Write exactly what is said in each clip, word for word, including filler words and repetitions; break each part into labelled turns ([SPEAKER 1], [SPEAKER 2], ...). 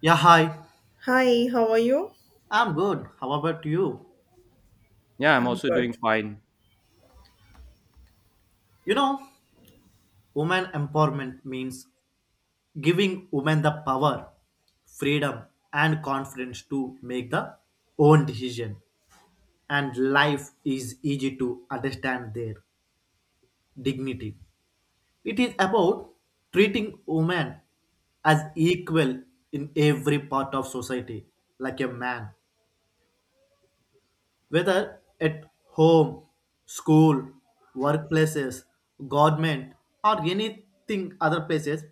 [SPEAKER 1] Yeah, hi.
[SPEAKER 2] Hi, how are you?
[SPEAKER 1] I'm good. How about you?
[SPEAKER 3] Yeah, I'm
[SPEAKER 2] I'm
[SPEAKER 3] also doing
[SPEAKER 2] good.
[SPEAKER 3] fine.
[SPEAKER 1] You know, women empowerment means giving women the power, freedom, and confidence to make the own decision. And life is easy to understand their dignity. It is about treating women as equal in every part of society, like a man. Whether at home, school, workplaces, government, or anything other places,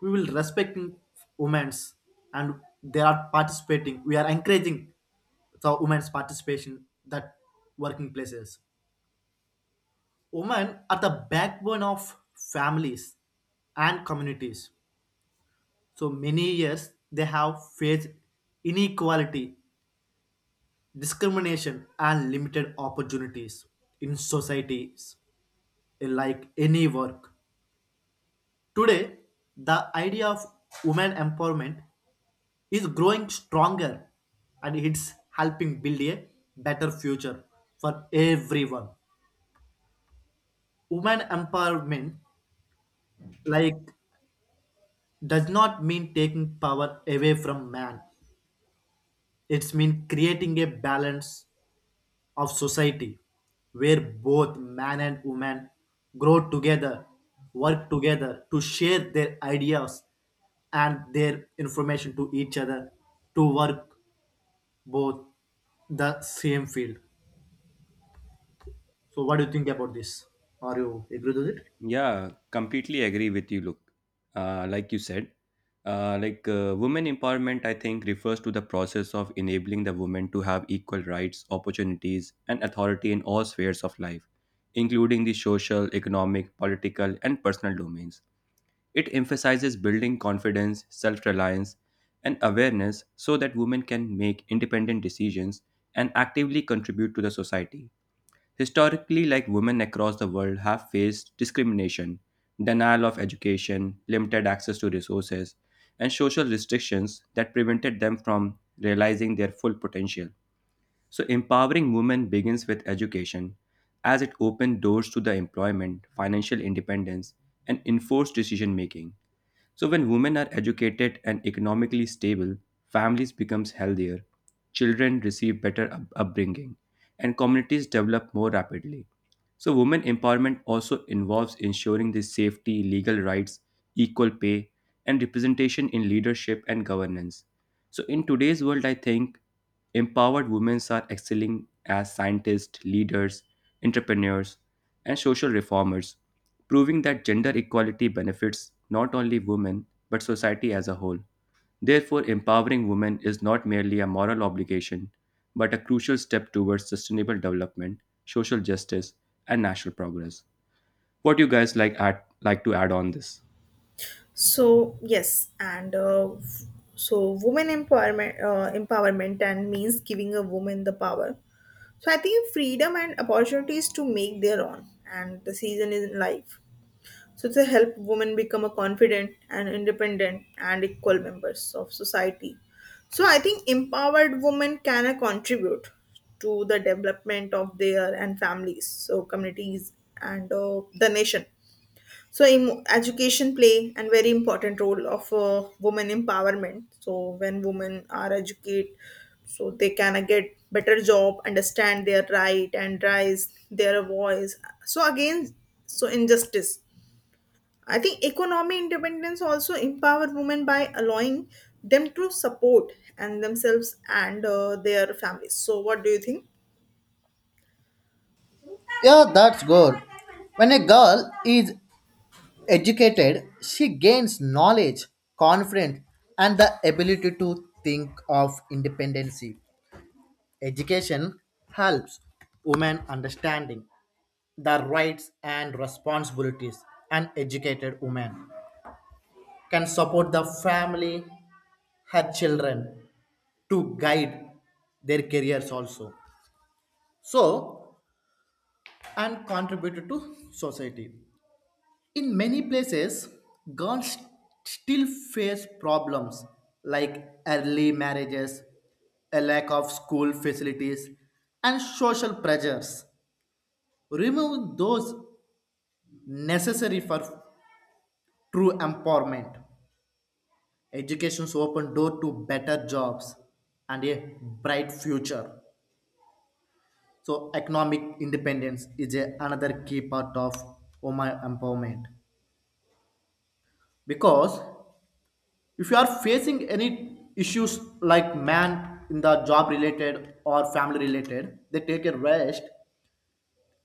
[SPEAKER 1] we will respecting women's and they are participating. We are encouraging the women's participation that working places. Women are the backbone of families and communities. So many years they have faced inequality, discrimination, and limited opportunities in societies. Like any work. Today, the idea of women empowerment is growing stronger and it's helping build a better future for everyone. Women empowerment like does not mean taking power away from man. It's mean creating a balance of society where both man and woman grow together, work together to share their ideas and their information to each other to work both the same field. So, what do you think about this? Are you agree with it?
[SPEAKER 3] Yeah, completely agree with you. Look, uh, like you said, uh, like uh, women empowerment, I think refers to the process of enabling the women to have equal rights, opportunities, and authority in all spheres of life, including the social, economic, political, and personal domains. It emphasizes building confidence, self reliance, and awareness so that women can make independent decisions and actively contribute to the society. Historically, like women across the world have faced discrimination, denial of education, limited access to resources, and social restrictions that prevented them from realizing their full potential. So, empowering women begins with education, as it opens doors to the employment, financial independence, and enforced decision making. So when women are educated and economically stable, families becomes healthier, children receive better up- upbringing, and communities develop more rapidly. So women empowerment also involves ensuring the safety, legal rights, equal pay, and representation in leadership and governance. So, in today's world, I think empowered women are excelling as scientists, leaders, entrepreneurs, and social reformers, proving that gender equality benefits not only women but society as a whole. Therefore, empowering women is not merely a moral obligation but a crucial step towards sustainable development, social justice, and national progress. What do you guys like add, like to add on this?
[SPEAKER 2] So, yes, and uh, f- so women empowerment uh, empowerment and means giving a woman the power. So I think freedom and opportunities to make their own and the season is in life. So to help women become a confident and independent and equal members of society. So I think empowered women can uh, contribute to the development of their and families, so communities and uh, the nation. So em- education play a very important role of uh, women empowerment. So when women are educated, so they can uh, get better job, understand their right and rise their voice. So again, so injustice. I think economic independence also empower women by allowing them to support and themselves and uh, their families. So what do you think?
[SPEAKER 1] Good. When a girl is educated, she gains knowledge, confidence, and the ability to think of independence. Education helps women understanding their rights and responsibilities. An educated woman can support the family, her children, to guide their careers also. So, and contribute to society. In many places, girls still face problems like early marriages, a lack of school facilities, and social pressures remove those necessary for true empowerment. Education's open door to better jobs and a bright future. So economic independence is a, another key part of woman empowerment. Because if you are facing any issues like man in the job related or family related, they take a rest.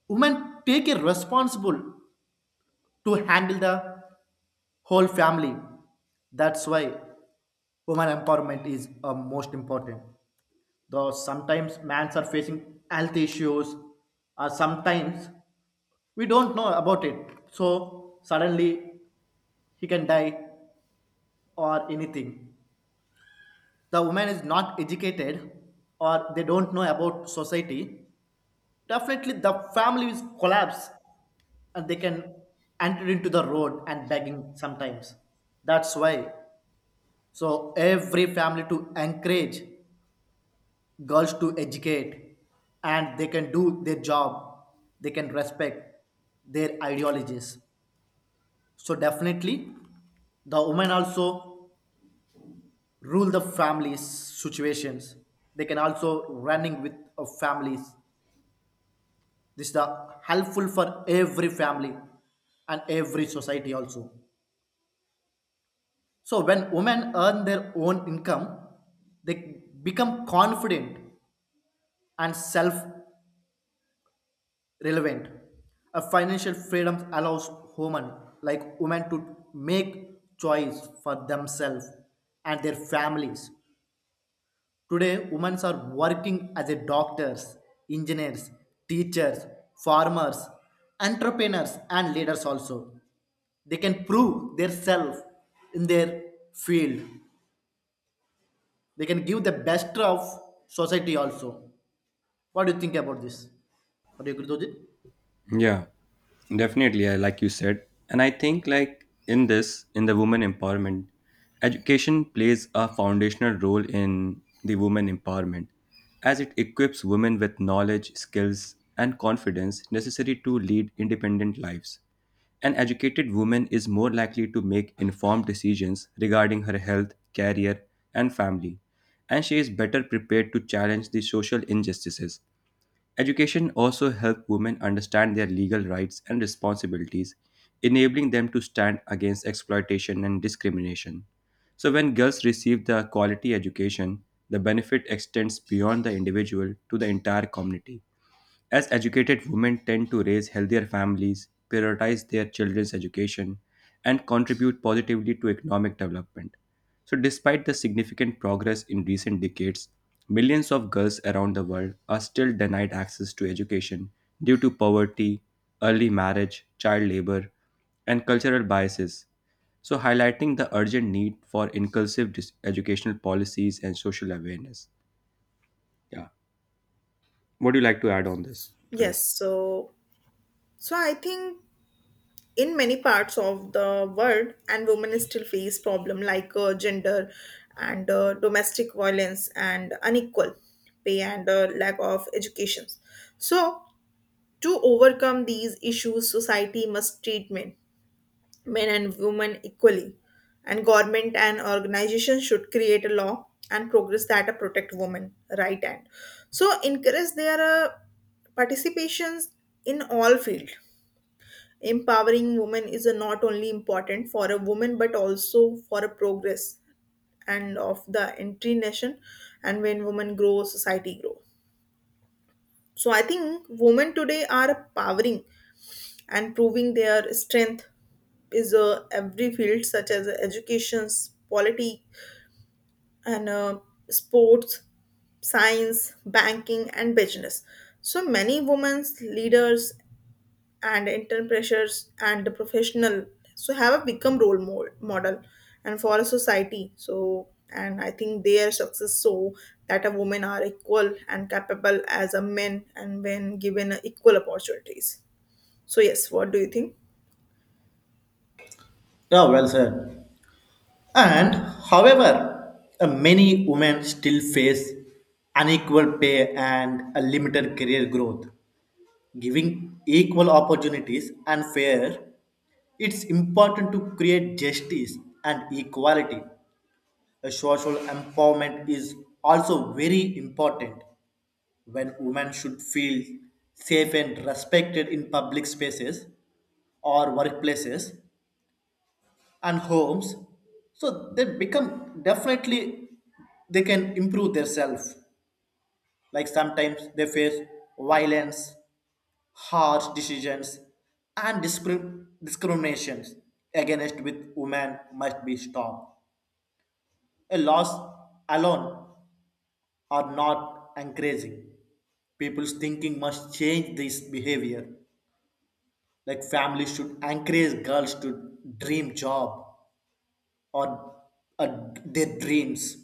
[SPEAKER 1] Women take a responsible to handle the whole family, that's why women empowerment is uh, most important. Though sometimes mans are facing health issues, or sometimes we don't know about it. So suddenly he can die or anything. The woman is not educated or they don't know about society. Definitely the family is collapse and they can enter into the road and begging sometimes. That's why. So every family to encourage girls to educate and they can do their job, they can respect their ideologies, so definitely the women also rule the families situations, they can also running with of families. This is the helpful for every family and every society also. So when women earn their own income, they become confident and self relevant. A financial freedom allows women, like women, to make choice for themselves and their families. Today, women are working as a doctors, engineers, teachers, farmers, entrepreneurs, and leaders also. They can prove themselves in their field. They can give the best of society also. What do you think about this? Are you agree with it?
[SPEAKER 3] Yeah, definitely. I like you said, and I think like in this, in the women empowerment, education plays a foundational role in the women empowerment, as it equips women with knowledge, skills, and confidence necessary to lead independent lives. An educated woman is more likely to make informed decisions regarding her health, career, and family, and she is better prepared to challenge the social injustices. Education also helped women understand their legal rights and responsibilities, enabling them to stand against exploitation and discrimination. So, when girls receive the quality education, the benefit extends beyond the individual to the entire community. As educated women tend to raise healthier families, prioritize their children's education, and contribute positively to economic development. So, despite the significant progress in recent decades, millions of girls around the world are still denied access to education due to poverty, early marriage, child labor, and cultural biases. So, highlighting the urgent need for inclusive dis- educational policies and social awareness. Yeah. What do you like to add on this,
[SPEAKER 2] Yes,
[SPEAKER 3] guys?
[SPEAKER 2] so so I think in many parts of the world and women still face problem like uh, gender and uh, domestic violence and unequal pay and uh, lack of education. So to overcome these issues society must treat men men and women equally, and government and organizations should create a law and progress that uh, protect women right, and so encourage their uh, participations in all field. Empowering women is a not only important for a woman but also for a progress and of the entry nation, and when women grow society grow. So I think women today are powering and proving their strength is uh, every field such as education, polity, and uh, sports, science, banking and business. So many women's leaders and intern pressures and the professional so have a become role mo- model and for a society. So and I think their success so that a women are equal and capable as a men and when given equal opportunities. So yes, what do you think?
[SPEAKER 1] Yeah, well said. And however, uh, many women still face unequal pay and a limited career growth. Giving equal opportunities and fair, it's important to create justice and equality. A social empowerment is also very important when women should feel safe and respected in public spaces or workplaces and homes, so they become definitely they can improve themselves. Like sometimes they face violence, harsh decisions, and discri- discriminations against with women must be stopped. A loss alone are not encouraging, people's thinking must change this behavior. Like families should encourage girls to dream job or uh, their dreams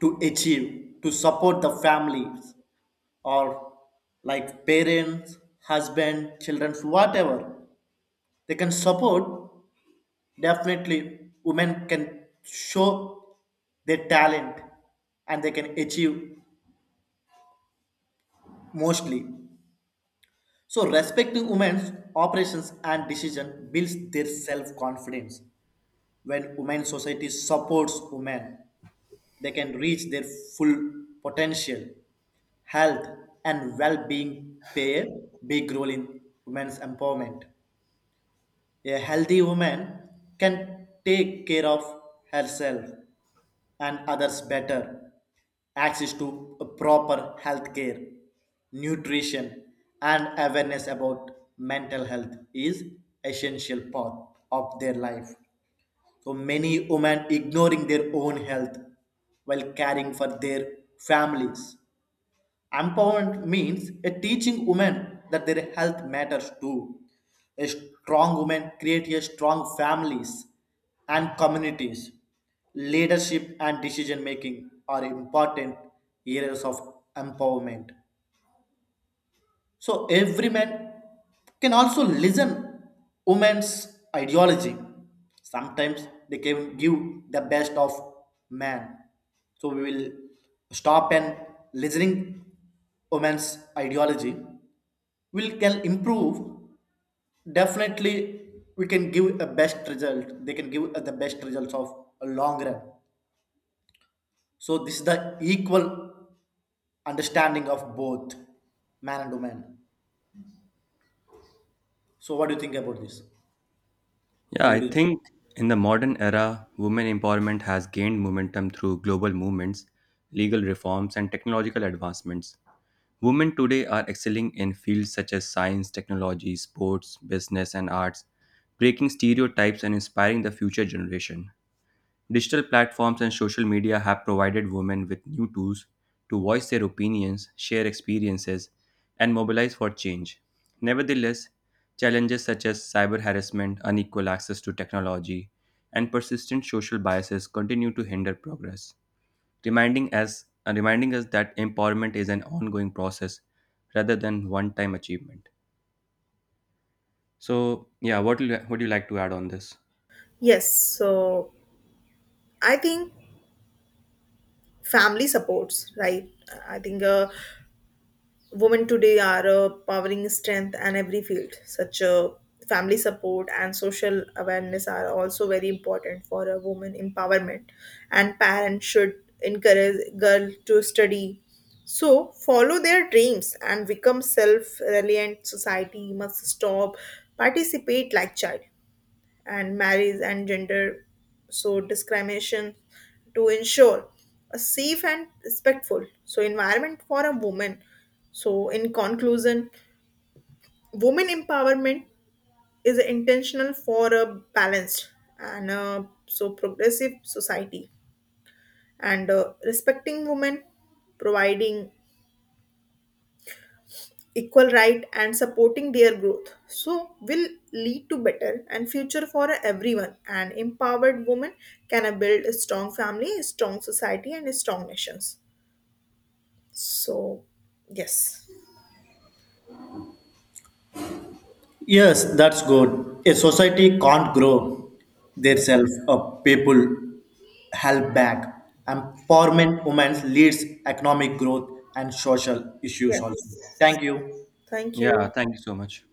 [SPEAKER 1] to achieve to support the families, or like parents, husband, children, whatever, they can support. Definitely women can show their talent and they can achieve mostly. So respecting women's operations and decision builds their self-confidence. When women society supports women, they can reach their full potential. Health and well being play a big role in women's empowerment. A healthy woman can take care of herself and others better. Access to a proper health care, nutrition, and awareness about mental health is essential part of their life. So many women ignoring their own health while caring for their families. Empowerment means a teaching women that their health matters too. A strong woman creates a strong families and communities. Leadership and decision making are important areas of empowerment. So every man can also listen women's ideology. Sometimes they can give the best of man. So we will stop and listening women's ideology. We can improve. Definitely we can give a best result. They can give the best results of a long run. So this is the equal understanding of both man and woman. So what do you think about this?
[SPEAKER 3] Yeah,
[SPEAKER 1] Are
[SPEAKER 3] I
[SPEAKER 1] you
[SPEAKER 3] think in the modern era, women empowerment has gained momentum through global movements, legal reforms, and technological advancements. Women today are excelling in fields such as science, technology, sports, business, and arts, breaking stereotypes and inspiring the future generation. Digital platforms and social media have provided women with new tools to voice their opinions, share experiences, and mobilize for change. Nevertheless, challenges such as cyber harassment, unequal access to technology, and persistent social biases continue to hinder progress, reminding us, uh, reminding us that empowerment is an ongoing process rather than one time achievement. So, yeah, what do you, what do you like to add on this?
[SPEAKER 2] Yes, so I think family supports, right? I think uh, women today are a powering strength in every field such a family support, and social awareness are also very important for a woman empowerment. And parents should encourage girl to study, so follow their dreams and become self-reliant. Society must stop participate like child and marriage and gender, so discrimination, to ensure a safe and respectful so environment for a woman. So in conclusion, women empowerment is intentional for a balanced and uh, so progressive society, and uh, respecting women, providing equal right and supporting their growth, so will lead to better and future for everyone. An empowered woman can uh, build a strong family, a strong society, and a strong nations. So yes.
[SPEAKER 1] Yes, that's good. A society can't grow
[SPEAKER 2] Yeah.
[SPEAKER 1] themselves up. People held back. Empowerment women leads economic growth and social issues also.
[SPEAKER 2] Yes,
[SPEAKER 1] Thank you.
[SPEAKER 2] thank
[SPEAKER 3] Yeah,
[SPEAKER 2] you.
[SPEAKER 3] thank you so much.